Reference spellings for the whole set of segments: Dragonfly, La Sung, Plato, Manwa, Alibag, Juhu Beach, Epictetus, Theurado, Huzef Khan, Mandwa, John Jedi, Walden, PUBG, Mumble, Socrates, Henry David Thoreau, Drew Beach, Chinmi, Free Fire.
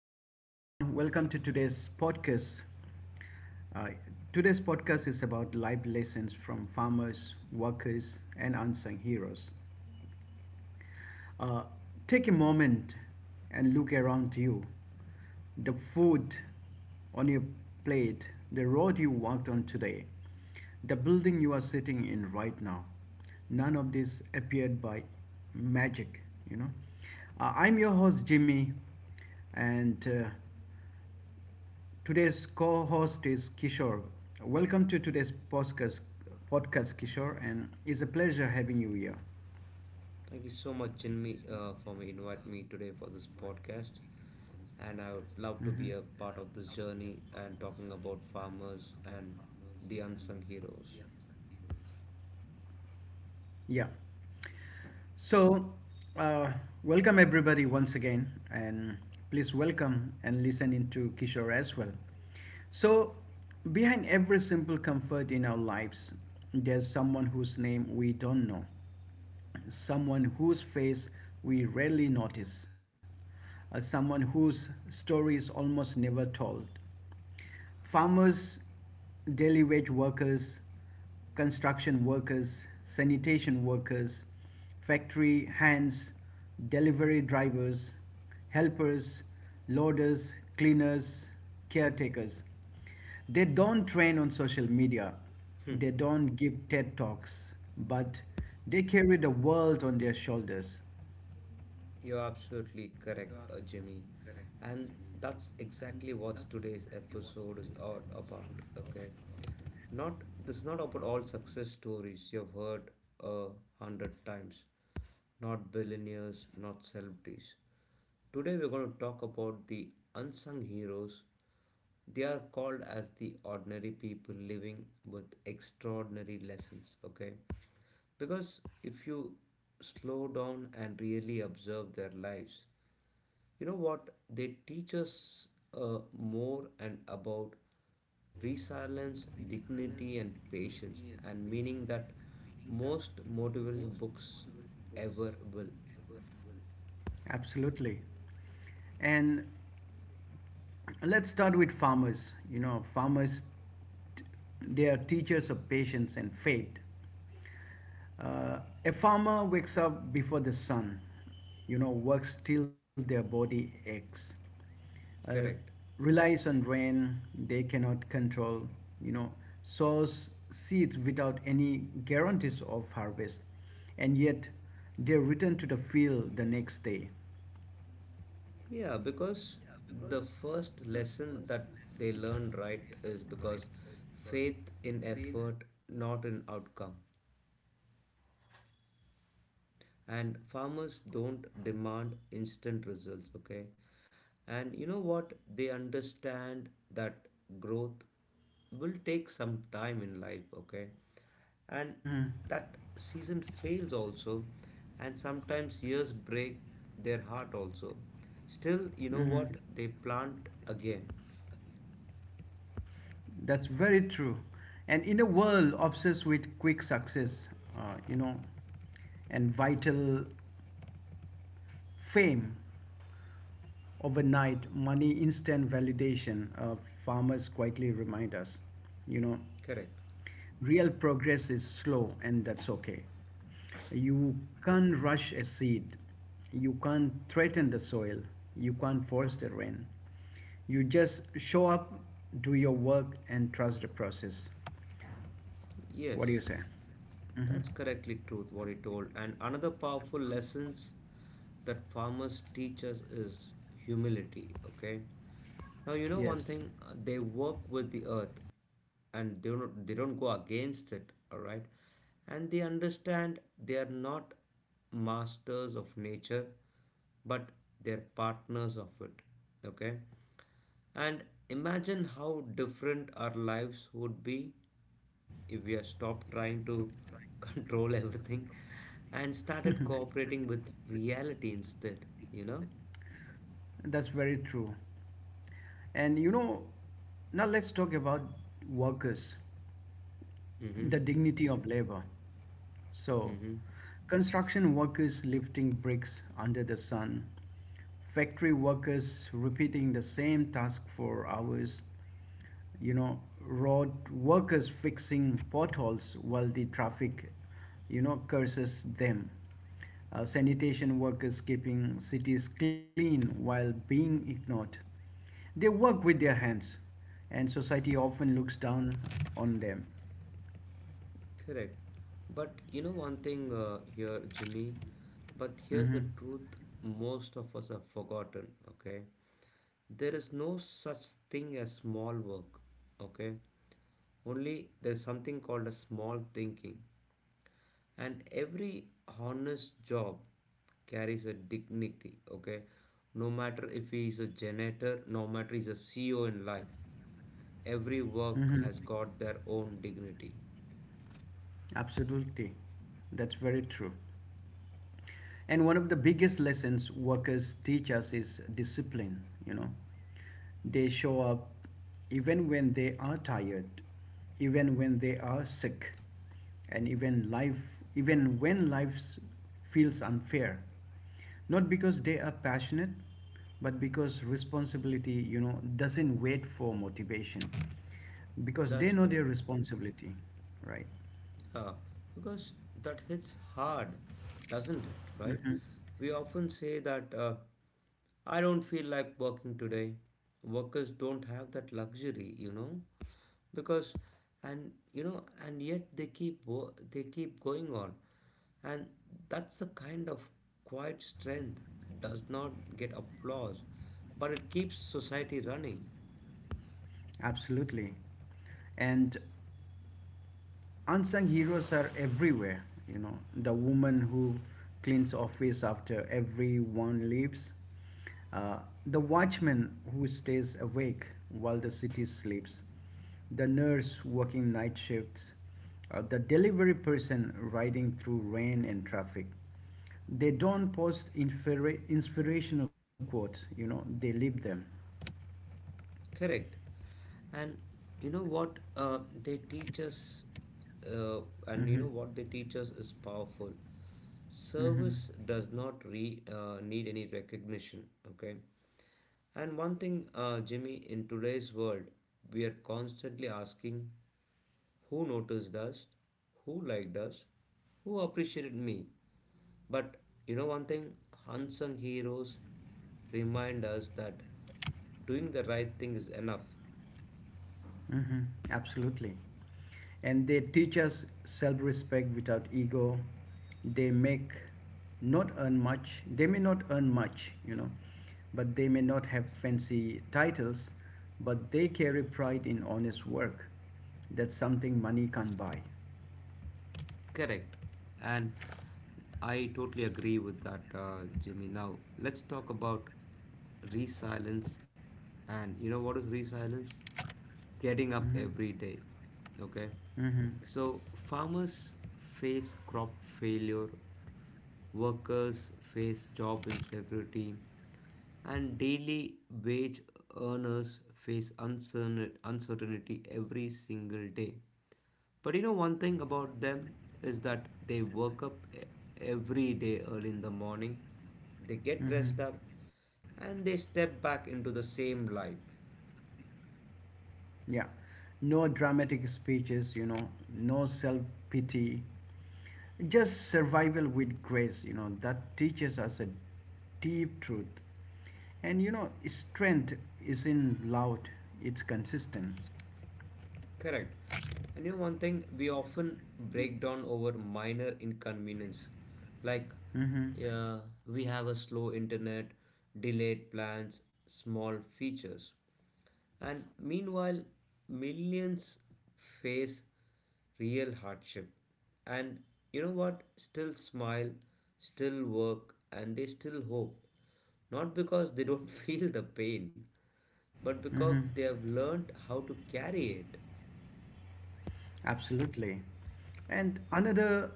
Hello, everyone. Welcome to today's podcast. Uh, today's podcast is about life lessons from farmers, workers, and unsung heroes. Uh, take a moment and look around you. The food on your plate, the road you walked on today, the building you are sitting in right now. None of this appeared by magic, you know. I'm your host, Jimmy, and today's co-host is Kishore. Welcome to today's podcast, Kishore, and it's a pleasure having you here. Thank you so much, Chinmi, for me invite me today for this podcast. And I would Mm-hmm. love to be a part of this journey and talking about farmers and the unsung heroes. Yeah. So, uh, welcome everybody once again, and please welcome and listen into Kishore as well. So, behind every simple comfort in our lives, there's someone whose name we don't know, someone whose face we rarely notice, someone whose story is almost never told. Farmers, daily wage workers, construction workers, sanitation workers, factory hands, delivery drivers, helpers, loaders, cleaners, caretakers. They don't train on social media, Hmm. they don't give TED Talks, but they carry the world on their shoulders. You're absolutely correct, Jimmy. And that's exactly what today's episode is all about, okay? Not this is not about all success stories you've heard a hundred times. Not billionaires, not celebrities. Today we're going to talk about the unsung heroes. They are called as the ordinary people living with extraordinary lessons, okay? Because if you slow down and really observe their lives, you know what? They teach us more and about resilience, dignity, and patience, and meaning that most motivational books ever will. Absolutely. And let's start with farmers. Farmers, they are teachers of patience and faith. Uh, a farmer wakes up before the sun, works till their body aches, uh, Correct. relies on rain they cannot control, you know, sows seeds without any guarantees of harvest, and yet they return to the field the next day. Yeah, because the first lesson that they learn right is because faith in effort, not in outcome. And farmers don't demand instant results, okay? And you know what? They understand that growth will take some time in life, okay? And hmm that season fails also, and sometimes years break their heart also. Still, you know hmm what? They plant again. That's very true. And in a world obsessed with quick success, uh, you know, and vital fame, overnight money, instant validation, farmers quietly remind us. You know, Correct. real progress is slow, and that's okay. You can't rush a seed, you can't threaten the soil, you can't force the rain. You just show up, do your work, and trust the process. What do you Yes. say? That's correctly truth what he told. And another powerful lessons that farmers teach us is humility. Okay. Now you know one Yes, thing, they work with the earth and they don't go against it, alright? And they understand they are not masters of nature, but they're partners of it. Okay? And imagine how different our lives would be if we have stopped trying to control everything and started cooperating with reality instead, you know? that's very true. And now let's talk about workers. Mm-hmm. The dignity of labor. So, Mm-hmm. construction workers lifting bricks under the sun, factory workers repeating the same task for hours, road workers fixing potholes while the traffic, curses them. Sanitation workers keeping cities clean while being ignored. They work with their hands, and society often looks down on them. Correct. But you know one thing here, Jimmy, but here's the Mhm. truth most of us have forgotten, okay? There is no such thing as small work, okay? Only there's something called a small thinking. And every honest job carries a dignity, okay? No matter if he is a janitor, no matter he's a CEO in life, every work has got their own dignity. Absolutely. That's very true. And one of the biggest lessons workers teach us is discipline. They show up even when they are tired, even when they are sick, and even when life feels unfair. Not because they are passionate, but because responsibility doesn't wait for motivation. Because they That's know their correct. responsibility, right? Yeah, because that hits hard, doesn't it? Right? We often say that I don't feel like working today. Workers don't have that luxury, you know, because and yet they keep going on, and that's the kind of quiet strength does not get applause, but it keeps society running. Absolutely. And unsung heroes are everywhere. The woman who cleans office after everyone leaves, uh, the watchman who stays awake while the city sleeps, the nurse working night shifts, the delivery person riding through rain and traffic. They don't post inspirational quotes, they live them. Correct. And you know what they teach us, uh, and you Mm-hmm. know what they teach us is powerful. Mm-hmm. Service does not need any recognition, okay? And one thing, Jimmy, in today's world, we are constantly asking who noticed us, who liked us, who appreciated me. But you know one thing, unsung heroes remind us that doing the right thing is enough. Mm-hmm. Absolutely. And they teach us self respect without ego. They make not earn much, they may not earn much, but they may not have fancy titles, but they carry pride in honest work. That's something money can't buy. Correct. And I totally agree with that, Jimmy. Now, let's talk about resilience. And you know what is resilience? Getting up every day. Okay. So, farmers face crop failure, workers face job insecurity, and daily wage earners face uncertainty every single day. But you know, one thing about them is that they work up e- every day early in the morning, they get Mm-hmm. dressed up, and they step back into the same life. Yeah. No dramatic speeches, no self pity, just survival with grace that teaches us a deep truth, and strength isn't loud, it's consistent. Correct. And you know one thing, we often break down over minor inconvenience, like Mm-hmm. uh, we have a slow internet, delayed plans, small features. And meanwhile, millions face real hardship. And you know what? Still smile, still work, and they still hope. Not because they don't feel the pain, but because Mm-hmm. they have learned how to carry it. Absolutely. And another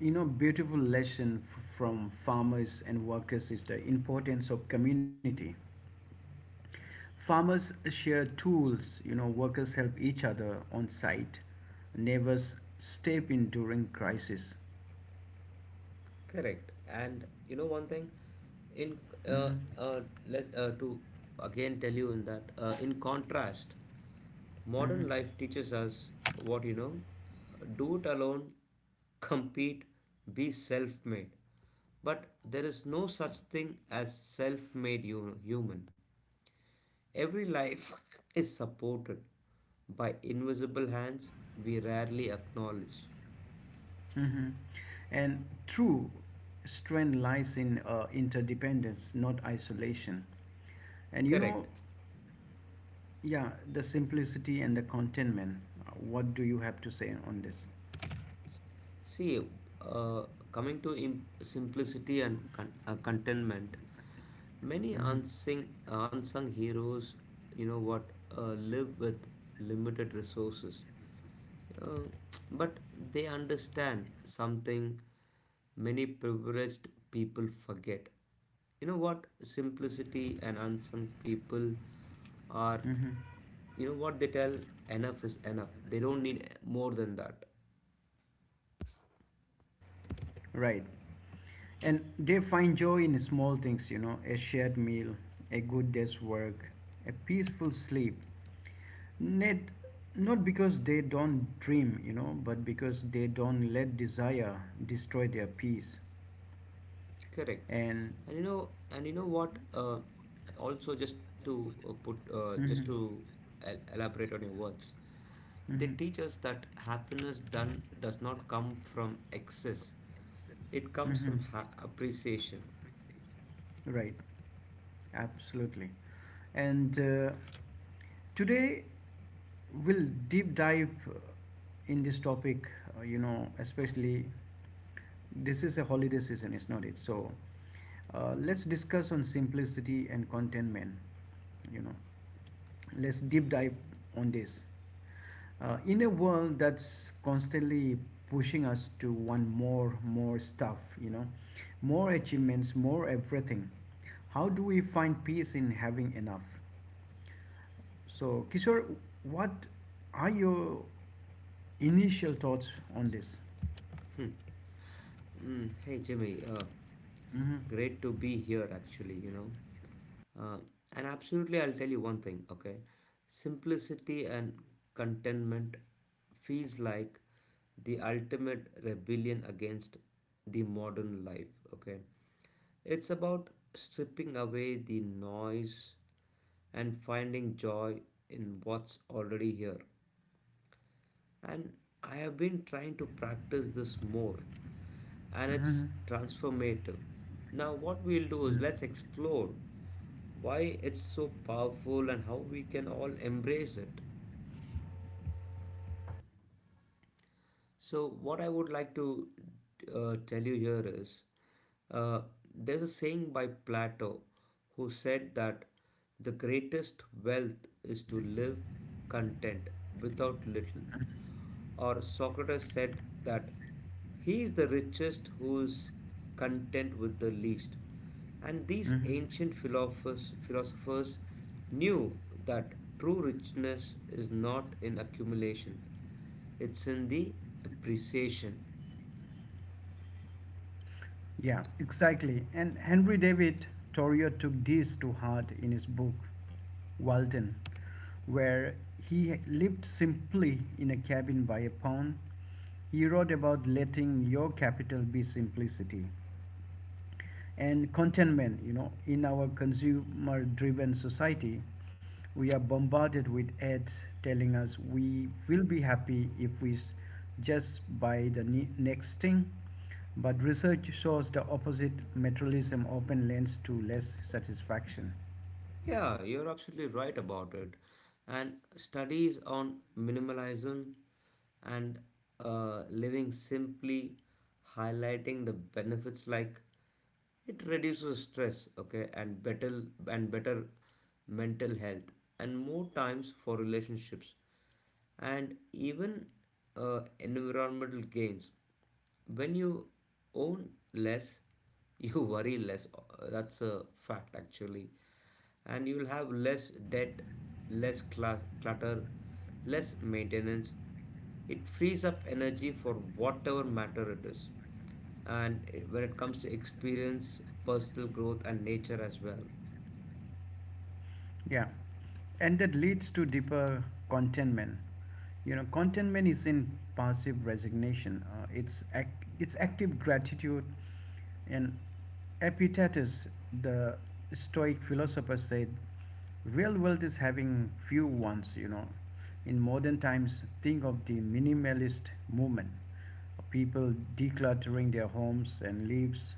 beautiful lesson from farmers and workers is the importance of community. Farmers share tools, workers help each other on site, neighbors step in during crisis. Correct. And you know one thing, in uh, let to again tell you in that in contrast, modern Mm-hmm. life teaches us what you know: do it alone, compete, be self-made. But there is no such thing as human. Every life is supported by invisible hands we rarely acknowledge. Hmm. And true strength lies in interdependence, not isolation. And Correct. Yeah, the simplicity and the contentment. What do you have to say on this? See, uh, coming to simplicity and contentment, many Hmm. Unsung heroes, you know what, live with limited resources. Uh, but they understand something many privileged people forget. You know what, simplicity and unsung people are, Hmm. you know what they tell, enough is enough. They don't need more than that. Right. And they find joy in small things, a shared meal, a good day's work, a peaceful sleep. Not, not, because they don't dream, but because they don't let desire destroy their peace. Correct. And And you know what? Also, just to put, just Mhm. to elaborate on your words, they Mhm. teach us that happiness done does not come from excess; it comes from Mhm. Appreciation. Right. Absolutely. And today we'll deep dive in this topic, especially this is a holiday season, is not it? So let's discuss on simplicity and contentment, you know. Let's deep dive on this. In a world that's constantly pushing us to want more, more stuff, more achievements, more everything, how do we find peace in having enough? So, Kishore, what are your initial thoughts on this? Mm, hey Jimmy, Mm-hmm. great to be here actually, you know. Uh, and absolutely, I'll tell you one thing, okay? Simplicity and contentment feels like the ultimate rebellion against the modern life, okay? It's about stripping away the noise and finding joy in what's already here, and I have been trying to practice this more, and it's transformative. Now, what we'll do is let's explore why it's so powerful and how we can all embrace it. So, what I would like to tell you here is uh, there's a saying by Plato who said that the greatest wealth is to live content without little. Or Socrates said that he is the richest who is content with the least. And these Mm-hmm. ancient philosophers knew that true richness is not in accumulation, it's in the appreciation. Yeah, exactly. And Henry David Thoreau took this to heart in his book, Walden, where he lived simply in a cabin by a pond. He wrote about letting your capital be simplicity and contentment. In our consumer-driven society, we are bombarded with ads telling us we will be happy if we just buy the next thing. But research shows the opposite materialism often lends to less satisfaction. Yeah, you're absolutely right about it. And studies on minimalism and living simply highlighting the benefits like it reduces stress, okay, and better mental health and more times for relationships and even environmental gains. When you own less, you worry less. That's a fact, actually. And you'll have less debt, less clutter, less maintenance. It frees up energy for whatever matter it is. And it- when it comes to experience, personal growth, and nature as well. Yeah, and that leads to deeper contentment. Contentment isn't passive resignation. It's active gratitude, and Epictetus, the Stoic philosopher, said, "Real wealth is having few wants." In modern times, think of the minimalist movement, people decluttering their homes and lives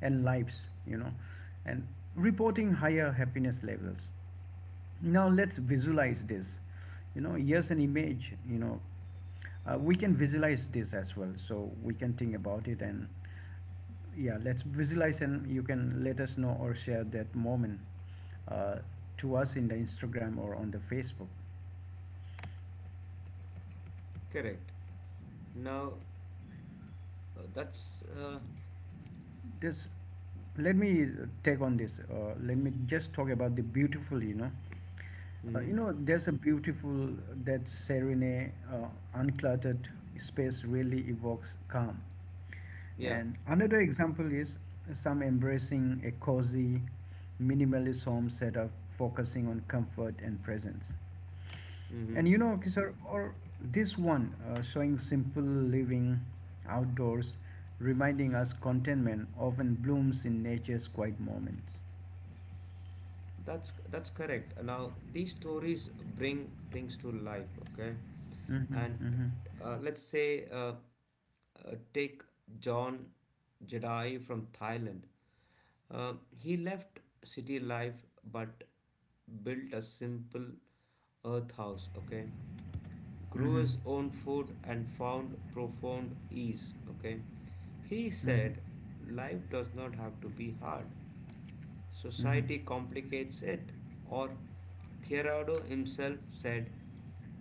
and lives you know and reporting higher happiness levels. Now let's visualize this. Here's an image. We can visualize this as well so we can think about it. And yeah, let's visualize, and you can let us know or share that moment uh, to us in the Instagram or on the Facebook. Correct. Now, that's. This Let me take on this, let me just talk about the beautiful. Mhm. There's a beautiful, that serene, uncluttered space really evokes calm. Yeah. And another example is some embracing a cozy minimalist home setup focusing on comfort and presence. Mm-hmm. And Kishore, or this one showing simple living outdoors, reminding us contentment often blooms in nature's quiet moments. That's correct. Now these stories bring things to life, okay? Mm-hmm. And Mm-hmm. let's say take John Jedi from Thailand. He left city life but built a simple earth house, okay? Grew Mm-hmm. his own food and found profound ease, okay? He Mm-hmm. said life does not have to be hard. Mm-hmm. Society complicates it. Or Theurado himself said,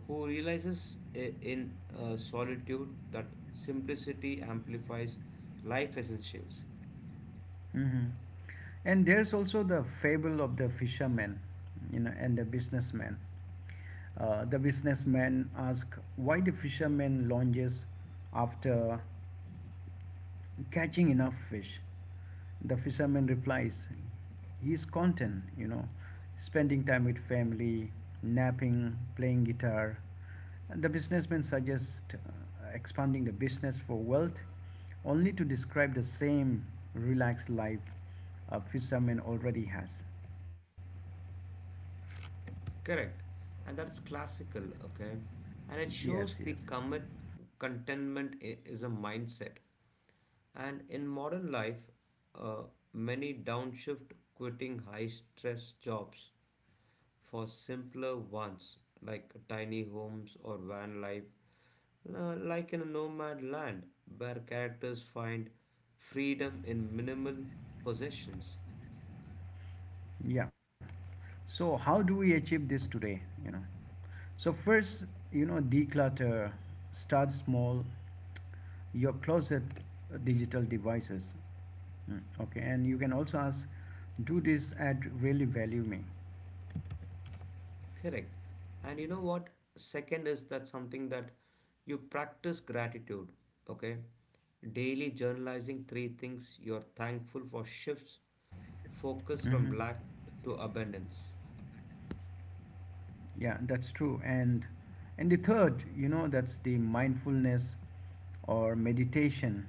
who realizes in solitude that simplicity amplifies life essentials. Mm-hmm. And there's also the fable of the fisherman, and the businessman. The businessman asks why the fisherman lunges after catching enough fish. The fisherman replies he's content, spending time with family, napping, playing guitar. And the businessman suggests expanding the business for wealth only to describe the same relaxed life a fisherman already has. Correct. And that's classical, okay? And it shows the Yes. Yes. commit contentment is a mindset. And in modern life, uh, many downshift quitting high stress jobs for simpler ones like tiny homes or van life. Like in a nomad land where characters find freedom in minimal possessions. Yeah. So how do we achieve this today? You know so first, declutter, start small, your closet, digital devices. Okay, and you can also ask, do this ad really value me? Correct. And you know what? Second is that something that you practice gratitude. Okay. Daily journalizing three things you're thankful for shifts focus from Hmm. lack to abundance. Yeah, that's true. And the third, that's the mindfulness or meditation.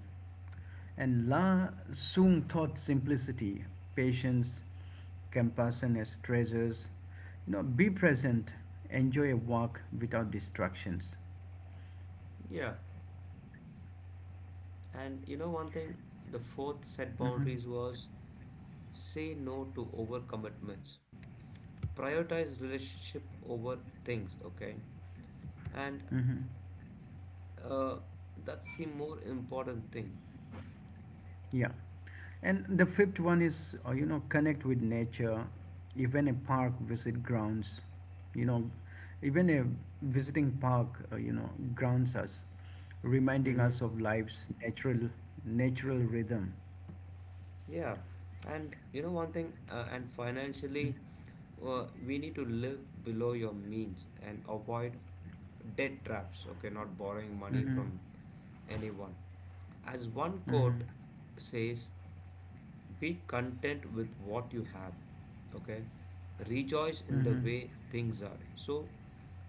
And La Sung taught simplicity, patience, compassion as treasures. Be present, enjoy a walk without distractions. Yeah. And you know one thing, the fourth set Hmm. boundaries was say no to overcommitments. Prioritize relationship over things, okay? And Hmm. uh, that's the more important thing. Yeah. And the fifth one is, connect with nature, even a park visit grounds, you know, even a visiting park, grounds us, reminding us Hmm. of life's natural rhythm. Yeah, and you know one thing, and financially, we need to live below your means and avoid debt traps. Okay, not borrowing money Mm-hmm. from anyone. As one Mm-hmm. quote says, be content with what you have, okay? Rejoice in the Mm-hmm. Mm-hmm. way things are. So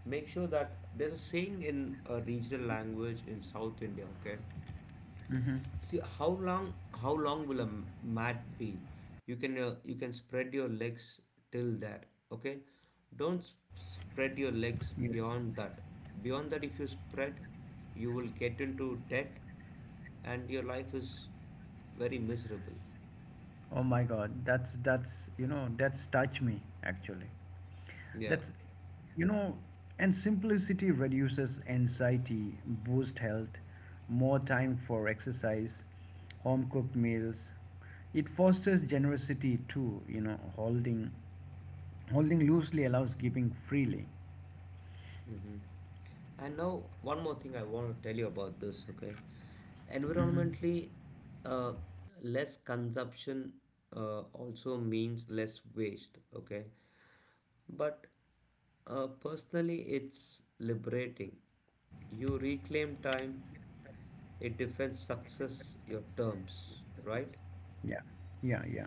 make sure that there's a saying in a regional language in South India, okay? Mm-hmm. See how long will a mat be? You can spread your legs till there, okay? Don't spread your legs Yes. beyond that. Beyond that, if you spread, you will get into debt, and your life is very miserable. Oh my God, that's you know that's touch me actually. Yeah. That's you know, and simplicity reduces anxiety, boost health, more time for exercise, home cooked meals. It fosters generosity too. Holding loosely allows giving freely. Hmm. And now, one more thing I want to tell you about this, okay? Hmm. Environmentally, uh, less consumption also means less waste, okay? But personally, it's liberating. You reclaim time, it defends success, your terms, right? Yeah, yeah, yeah.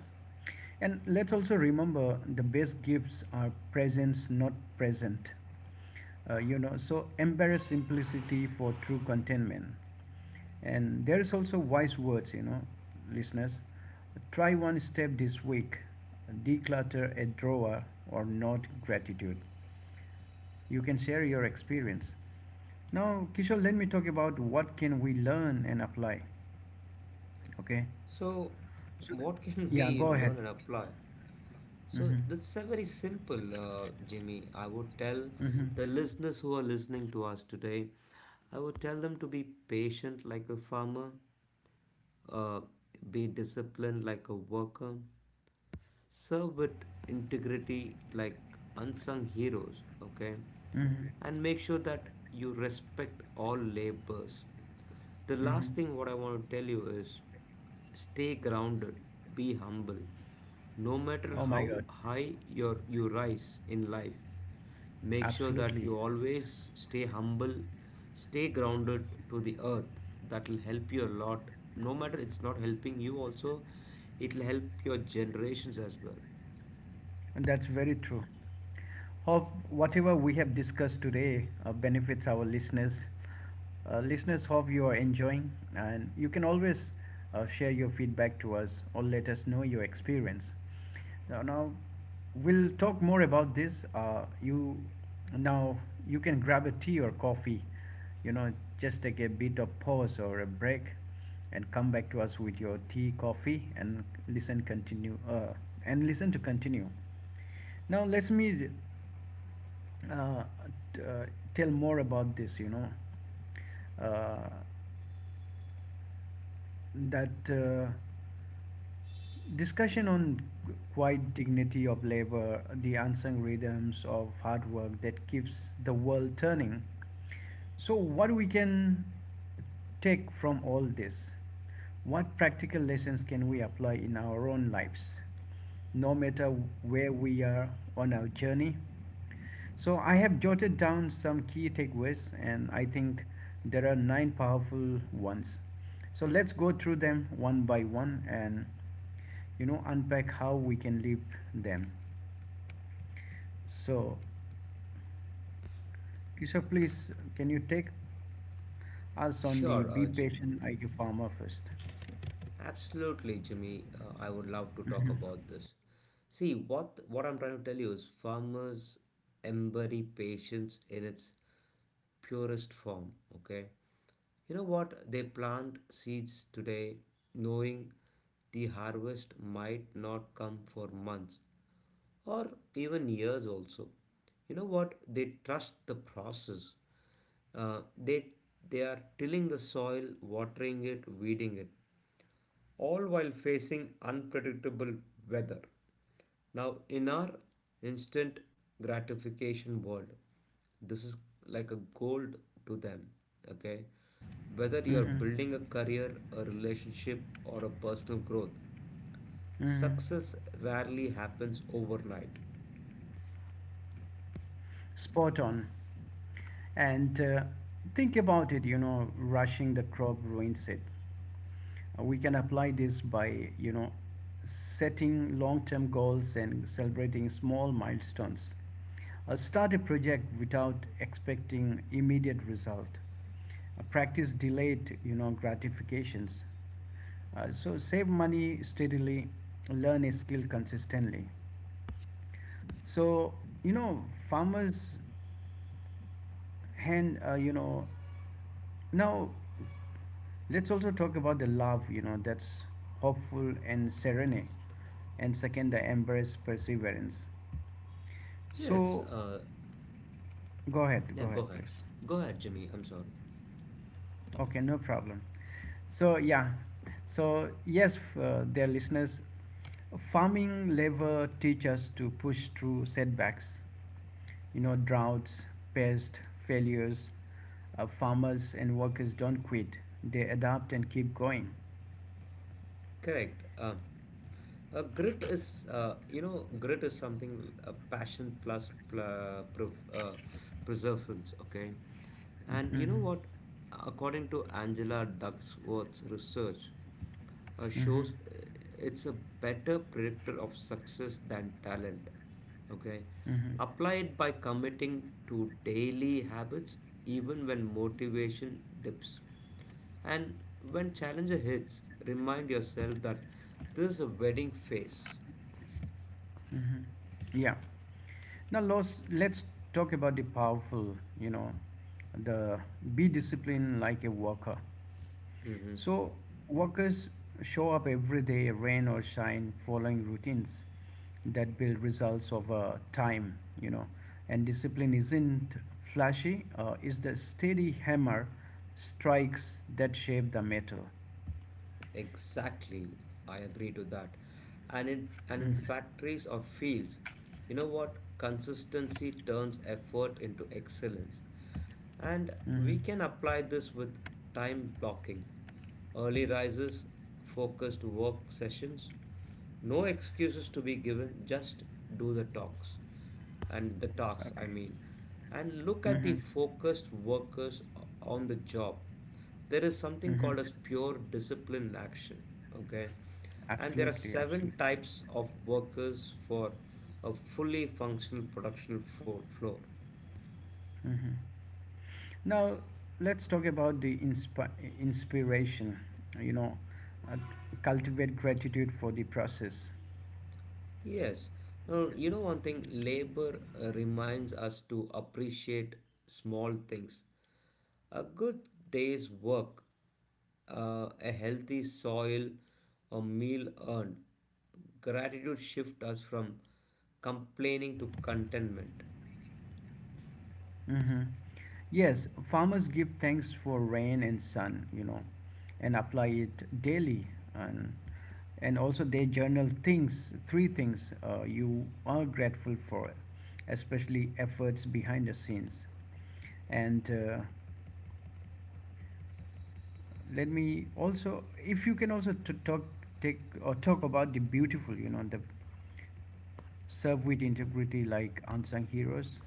And let's also remember the best gifts are presence, not present. So embrace simplicity for true contentment. And there is also wise words, listeners. Try one step this week. Declutter a drawer or note gratitude. You can share your experience. Now, Kishore, let me talk about what can we learn and apply. Okay? So, what can Yeah, we go ahead. learn and apply? So, Mm-hmm. that's a very simple, Jimmy. I would tell Mm-hmm. the listeners who are listening to us today, I would tell them to be patient like a farmer, uh, be disciplined like a worker, serve with integrity like unsung heroes, okay? Mm-hmm. And make sure that you respect all labors. The last Mm-hmm. thing what I want to tell you is stay grounded, be humble. No matter Oh my how God. high you rise in life, make sure that Absolutely. you always stay humble, stay grounded to the earth. That will help you a lot. No matter it's not helping you also, it'll help your generations as well. And that's very true. Hope whatever we have discussed today benefits our listeners. Listeners, hope you are enjoying, and you can always share your feedback to us or let us know your experience. Now, we'll talk more about this. You now you can grab a tea or coffee. You know, just take a bit of pause or a break and come back to us with your tea, coffee, and listen continue and listen to continue. Now let me uh, uh, tell more about this. You know, uh, that Discussion on quiet dignity of labor, the unsung rhythms of hard work that keeps the world turning. So, what we can take from all this? What practical lessons can we apply in our own lives, no matter where we are on our journey? So, I have jotted down some key takeaways, and I think there are nine powerful ones. So let's go through them one by one and unpack how we can live them. So, Yusuf, please can you take us on the sure be uh, patient IQ farmer first. Absolutely, Jimmy. I would love to talk Mm-hmm. about this. See, what I'm trying to tell you is farmers embody patience in its purest form, okay? You know what? They plant seeds today knowing the harvest might not come for months or even years also. You know what? They trust the process. Uh, they they are tilling the soil, watering it, weeding it all while facing unpredictable weather. Now, in our instant gratification world, this is like a gold to them. Okay, whether you are Mm-hmm. building a career, a relationship, or a personal growth, Mm-hmm. success rarely happens overnight. Spot on. And think about it. Rushing the crop ruins it. We can apply this by setting long-term goals and celebrating small milestones. Start a project without expecting immediate result. Practice delayed gratifications. So save money steadily, learn a skill consistently, so you know, farmers. And you know now let's also talk about the love, you know, that's hopeful and serene, and second the embrace perseverance. Yes, So go ahead, yeah, go go ahead ahead. please. Go ahead, Jimmy. I'm sorry. Okay, no problem. So yeah, so yes, dear listeners, farming labor teach us to push through setbacks, you know, droughts, pests, failures. Farmers and workers don't quit, they adapt and keep going. Correct. Grit is, grit is something passion plus perseverance. Okay, and Mm-hmm. you know what? According to Angela Duckworth's research, Mm-hmm. shows it's a better predictor of success than talent. Okay, Mm-hmm. apply it by committing to daily habits even when motivation dips. And when challenger hits, remind yourself that this is a wedding phase. Mm-hmm. Yeah. Now, let's talk about the powerful, you know, the be disciplined like a worker. Mhm. So, workers show up every day, rain or shine, following routines that build results over time, you know. And discipline isn't flashy, it's the steady hammer strikes that shape the metal. Exactly, I agree to that. And in Mm-hmm. factories or fields, you know what? Consistency turns effort into excellence. And Mm-hmm. we can apply this with time blocking, early rises, focused work sessions, no excuses to be given, just do the talks. And the tasks, I Okay. mean. And look at the Mm-hmm. focused workers on the job, there is something Mm-hmm. called as pure discipline action. Okay, and there are Absolutely, seven absolutely. types of workers for a fully functional production floor. Hmm. Now, let's talk about the inspiration. You know, uh, cultivate gratitude for the process. Yes. Now you know one thing, labor reminds us to appreciate small things: a good day's work, a healthy soil, a meal earned. Gratitude shift us from complaining to contentment. Mm-hmm. Yes, farmers give thanks for rain and sun, you know, and apply it daily. And, and also, they journal things, three things you are grateful for, especially efforts behind the scenes. And Let me also, if you can also talk, take or talk about the beautiful, you know, the serve with integrity like unsung heroes.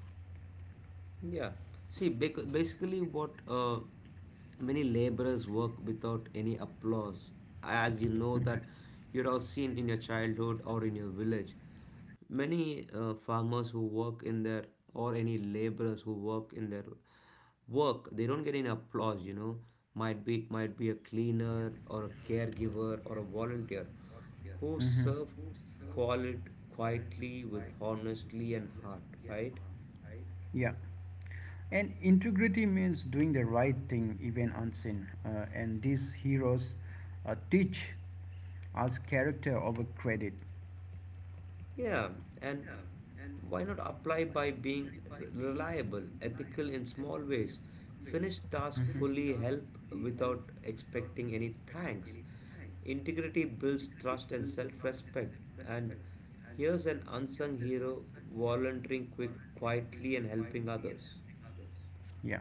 Yeah. See, basically, what many laborers work without any applause, as you know that Mm-hmm. you'd have seen in your childhood or in your village. Many farmers who work in their, or any laborers who work in their work, they don't get any applause. You know, might be, it might be a cleaner or a caregiver or a volunteer who Mm-hmm. serve quali- quietly with honestly and heart, right? Yeah, and integrity means doing the right thing even unseen, and these heroes teach us character over credit. Yeah, and why not apply by being reliable, ethical in small ways? Finish task fully, help without expecting any thanks. Integrity builds trust and self respect. And here's an unsung hero volunteering quick, quietly and helping others. Yeah.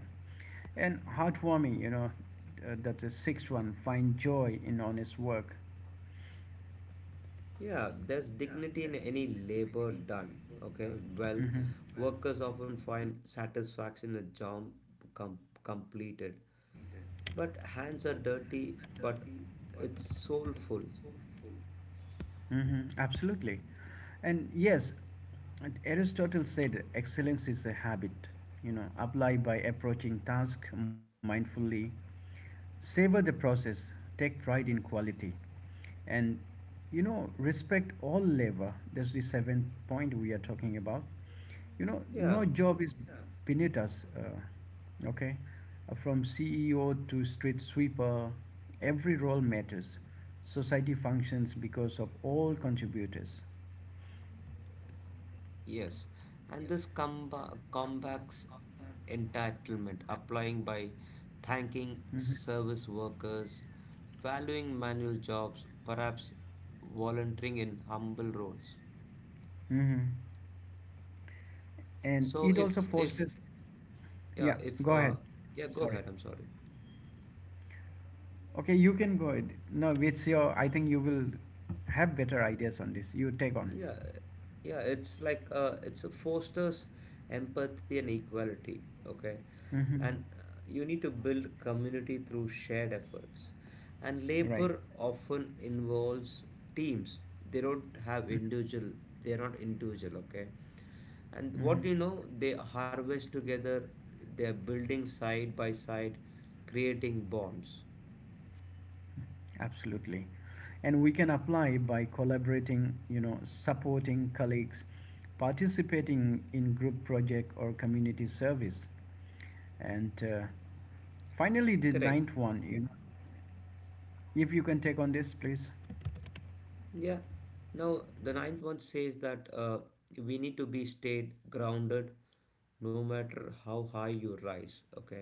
And heartwarming, you know, that's the sixth one. Find joy in honest work. Yeah, there's dignity in any labor done. Okay, well, Hmm. workers often find satisfaction in a job com- completed. But hands are dirty, but it's soulful. Hmm. Absolutely. And yes, and Aristotle said excellence is a habit, you know, apply by approaching task mindfully, savor the process, take pride in quality. And you know, respect all labor. That's the seventh point we are talking about. You know, no Yeah, job is Beneath us. Okay. From CEO to street sweeper, every role matters. Society functions because of all contributors. yes. And this combats entitlement, applying by thanking Hmm. service workers, valuing manual jobs, perhaps volunteering in humble roles. Hmm. And So it also fosters. Yeah, if go ahead. yeah go ahead. Sorry. I'm sorry. Okay, you can go ahead. No, it's your. I think you will have better ideas on this. You take on. Yeah, yeah, it's like it's a fosters empathy and equality, okay? Hmm. And you need to build community through shared efforts. And Right. labor often involves teams. They don't have Mm-hmm. individual, they are not individual, okay? And what Mm-hmm. do you know? They harvest together, they're building side by side, creating bonds. Absolutely. And we can apply by collaborating, you know, supporting colleagues, participating in group project or community service. And Finally, the Correct. ninth one, you know, if you can take on this please. Yeah. Now, the ninth one says that we need to be stayed grounded no matter how high you rise. Okay.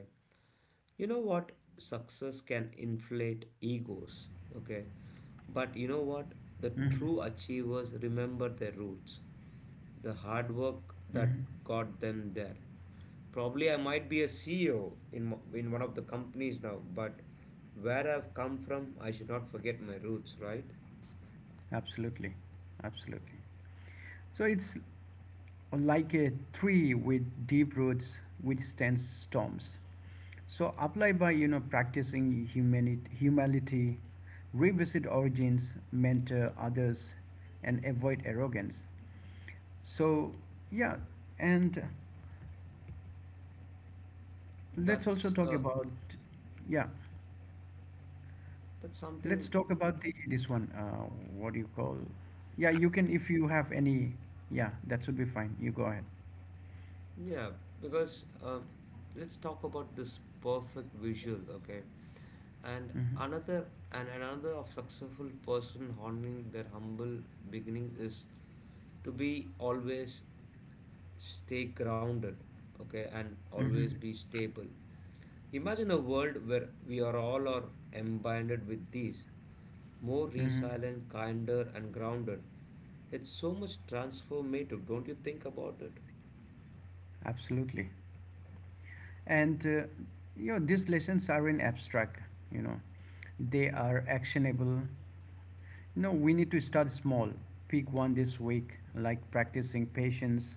You know what? Success can inflate egos. Okay. But you know what? The Hmm. true achievers remember their roots, the hard work that Hmm. got them there. Probably I might be a CEO in, in one of the companies now, but where I've come from, I should not forget my roots, right? Absolutely. Absolutely. So it's like a tree with deep roots withstands storms. So apply by you know practicing humanity, humility, revisit origins, mentor others, and avoid arrogance. So yeah, and let's also That's talk uh, about. Yeah. that's Let's something talk about the this one. What do you call? Yeah, you can if you have any. Yeah, that should be fine. You go ahead. Yeah, because let's talk about this perfect visual, okay? And Hmm. another and another of successful person honoring their humble beginnings is to be always stay grounded, okay, and always Hmm. be stable. Imagine a world where we are all are embedded with these, more Hmm. resilient, kinder, and grounded. It's so much transformative. Don't you think about it? Absolutely. And you know, these lessons are in abstract. You know, they are actionable. No, we need to start small. Pick one this week, like practicing patience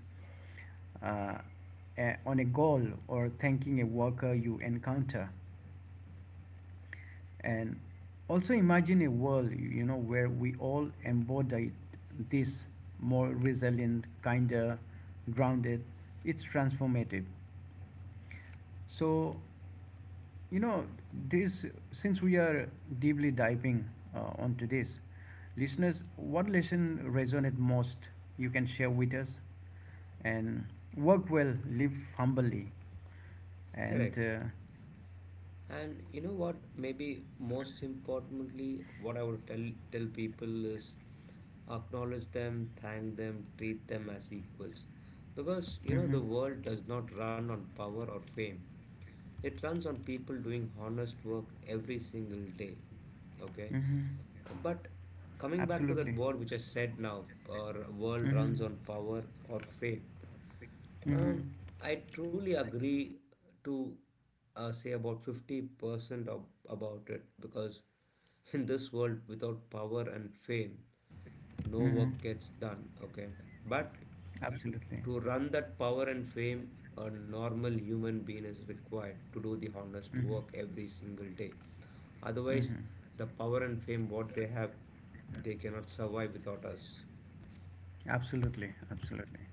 uh, on a goal or thanking a worker you encounter. And also imagine a world, you know, where we all embodied this, more resilient, kinder, grounded. It's transformative. So you know this, since we are deeply diving onto this, listeners, what lesson resonated most? You can share with us. And work well, live humbly. Correct. And And you know what? Maybe most importantly, what I would tell people is acknowledge them, thank them, treat them as equals. Because you know the Mhm. world does not run on power or fame. It runs on people doing honest work every single day. Okay? Mhm. But coming back to that Absolutely. word which I said now, our world Mm-hmm. runs on power or fame. Mm-hmm. Um, Mm-hmm. I truly agree to say about 50% of, about it because in this world without power and fame, no Mm-hmm. work gets done, okay? But Absolutely. to run that power and fame, a normal human being is required to do the honest Mm-hmm. work every single day. Otherwise, Mm-hmm. the power and fame what they have, they cannot survive without us. Absolutely, absolutely.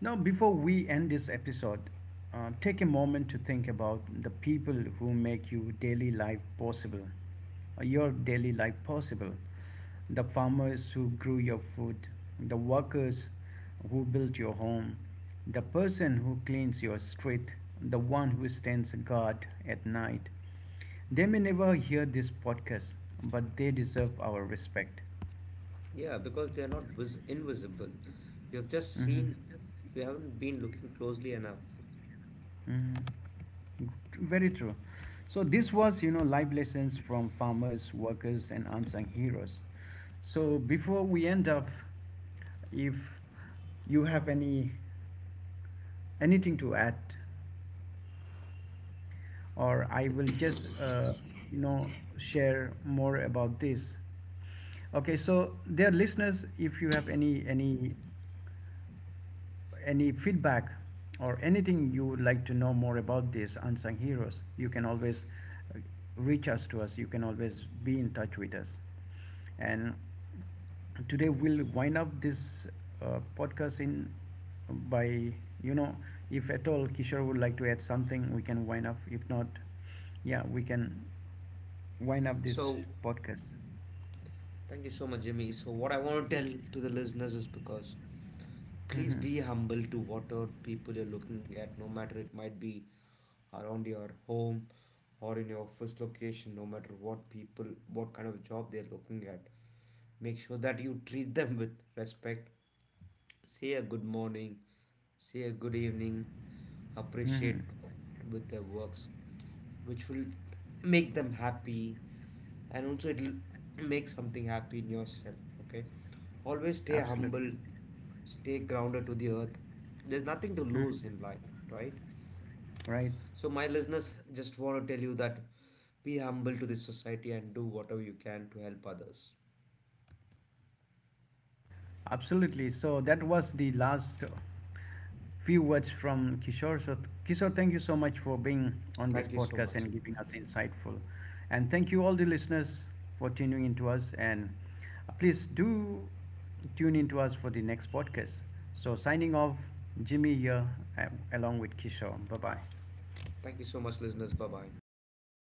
Now, before we end this episode, take a moment to think about the people who make your daily life possible, your daily life possible. The farmers who grew your food, the workers who built your home, the person who cleans your street, the one who stands guard at night. They may never hear this podcast, but they deserve our respect. Yeah, because they are not invisible. We have just Hmm. seen, we haven't been looking closely enough. Hmm. Very true. So this was, you know, life lessons from farmers, workers, and unsung heroes. So before we end up, if you have anything to add, or I will just, you know, share more about this. Okay, so dear listeners, if you have any feedback or anything you would like to know more about these unsung heroes, you can always uh, reach us to us. You can always be in touch with us. And today we'll wind up this podcast in by you know, if at all Kishore would like to add something, we can wind up. If not, yeah, we can wind up this So, podcast. thank you so much, Jimmy. So, what I want to tell to the listeners is because please Mm-hmm. be humble to whatever people you're looking at, no matter it might be around your home or in your office location, no matter what people, what kind of job they're looking at. Make sure that you treat them with respect, say a good morning, say a good evening, Mm-hmm. appreciate with their works, which will make them happy and also it'll make something happy in yourself. Okay. Always stay Absolutely. humble, stay grounded to the earth. There's nothing to lose Mhm. in life, right? Right. So my listeners, just want to tell you that be humble to this society and do whatever you can to help others. Absolutely. So that was the last few words from Kishore. So, Kishore, thank you so much for being on this Thank you so podcast much. and giving us insightful. And thank you all the listeners for tuning into us. And please do tune into us for the next podcast. So, signing off, Jimmy here, uh, along with Kishore. Bye bye. Thank you so much, listeners. Bye bye.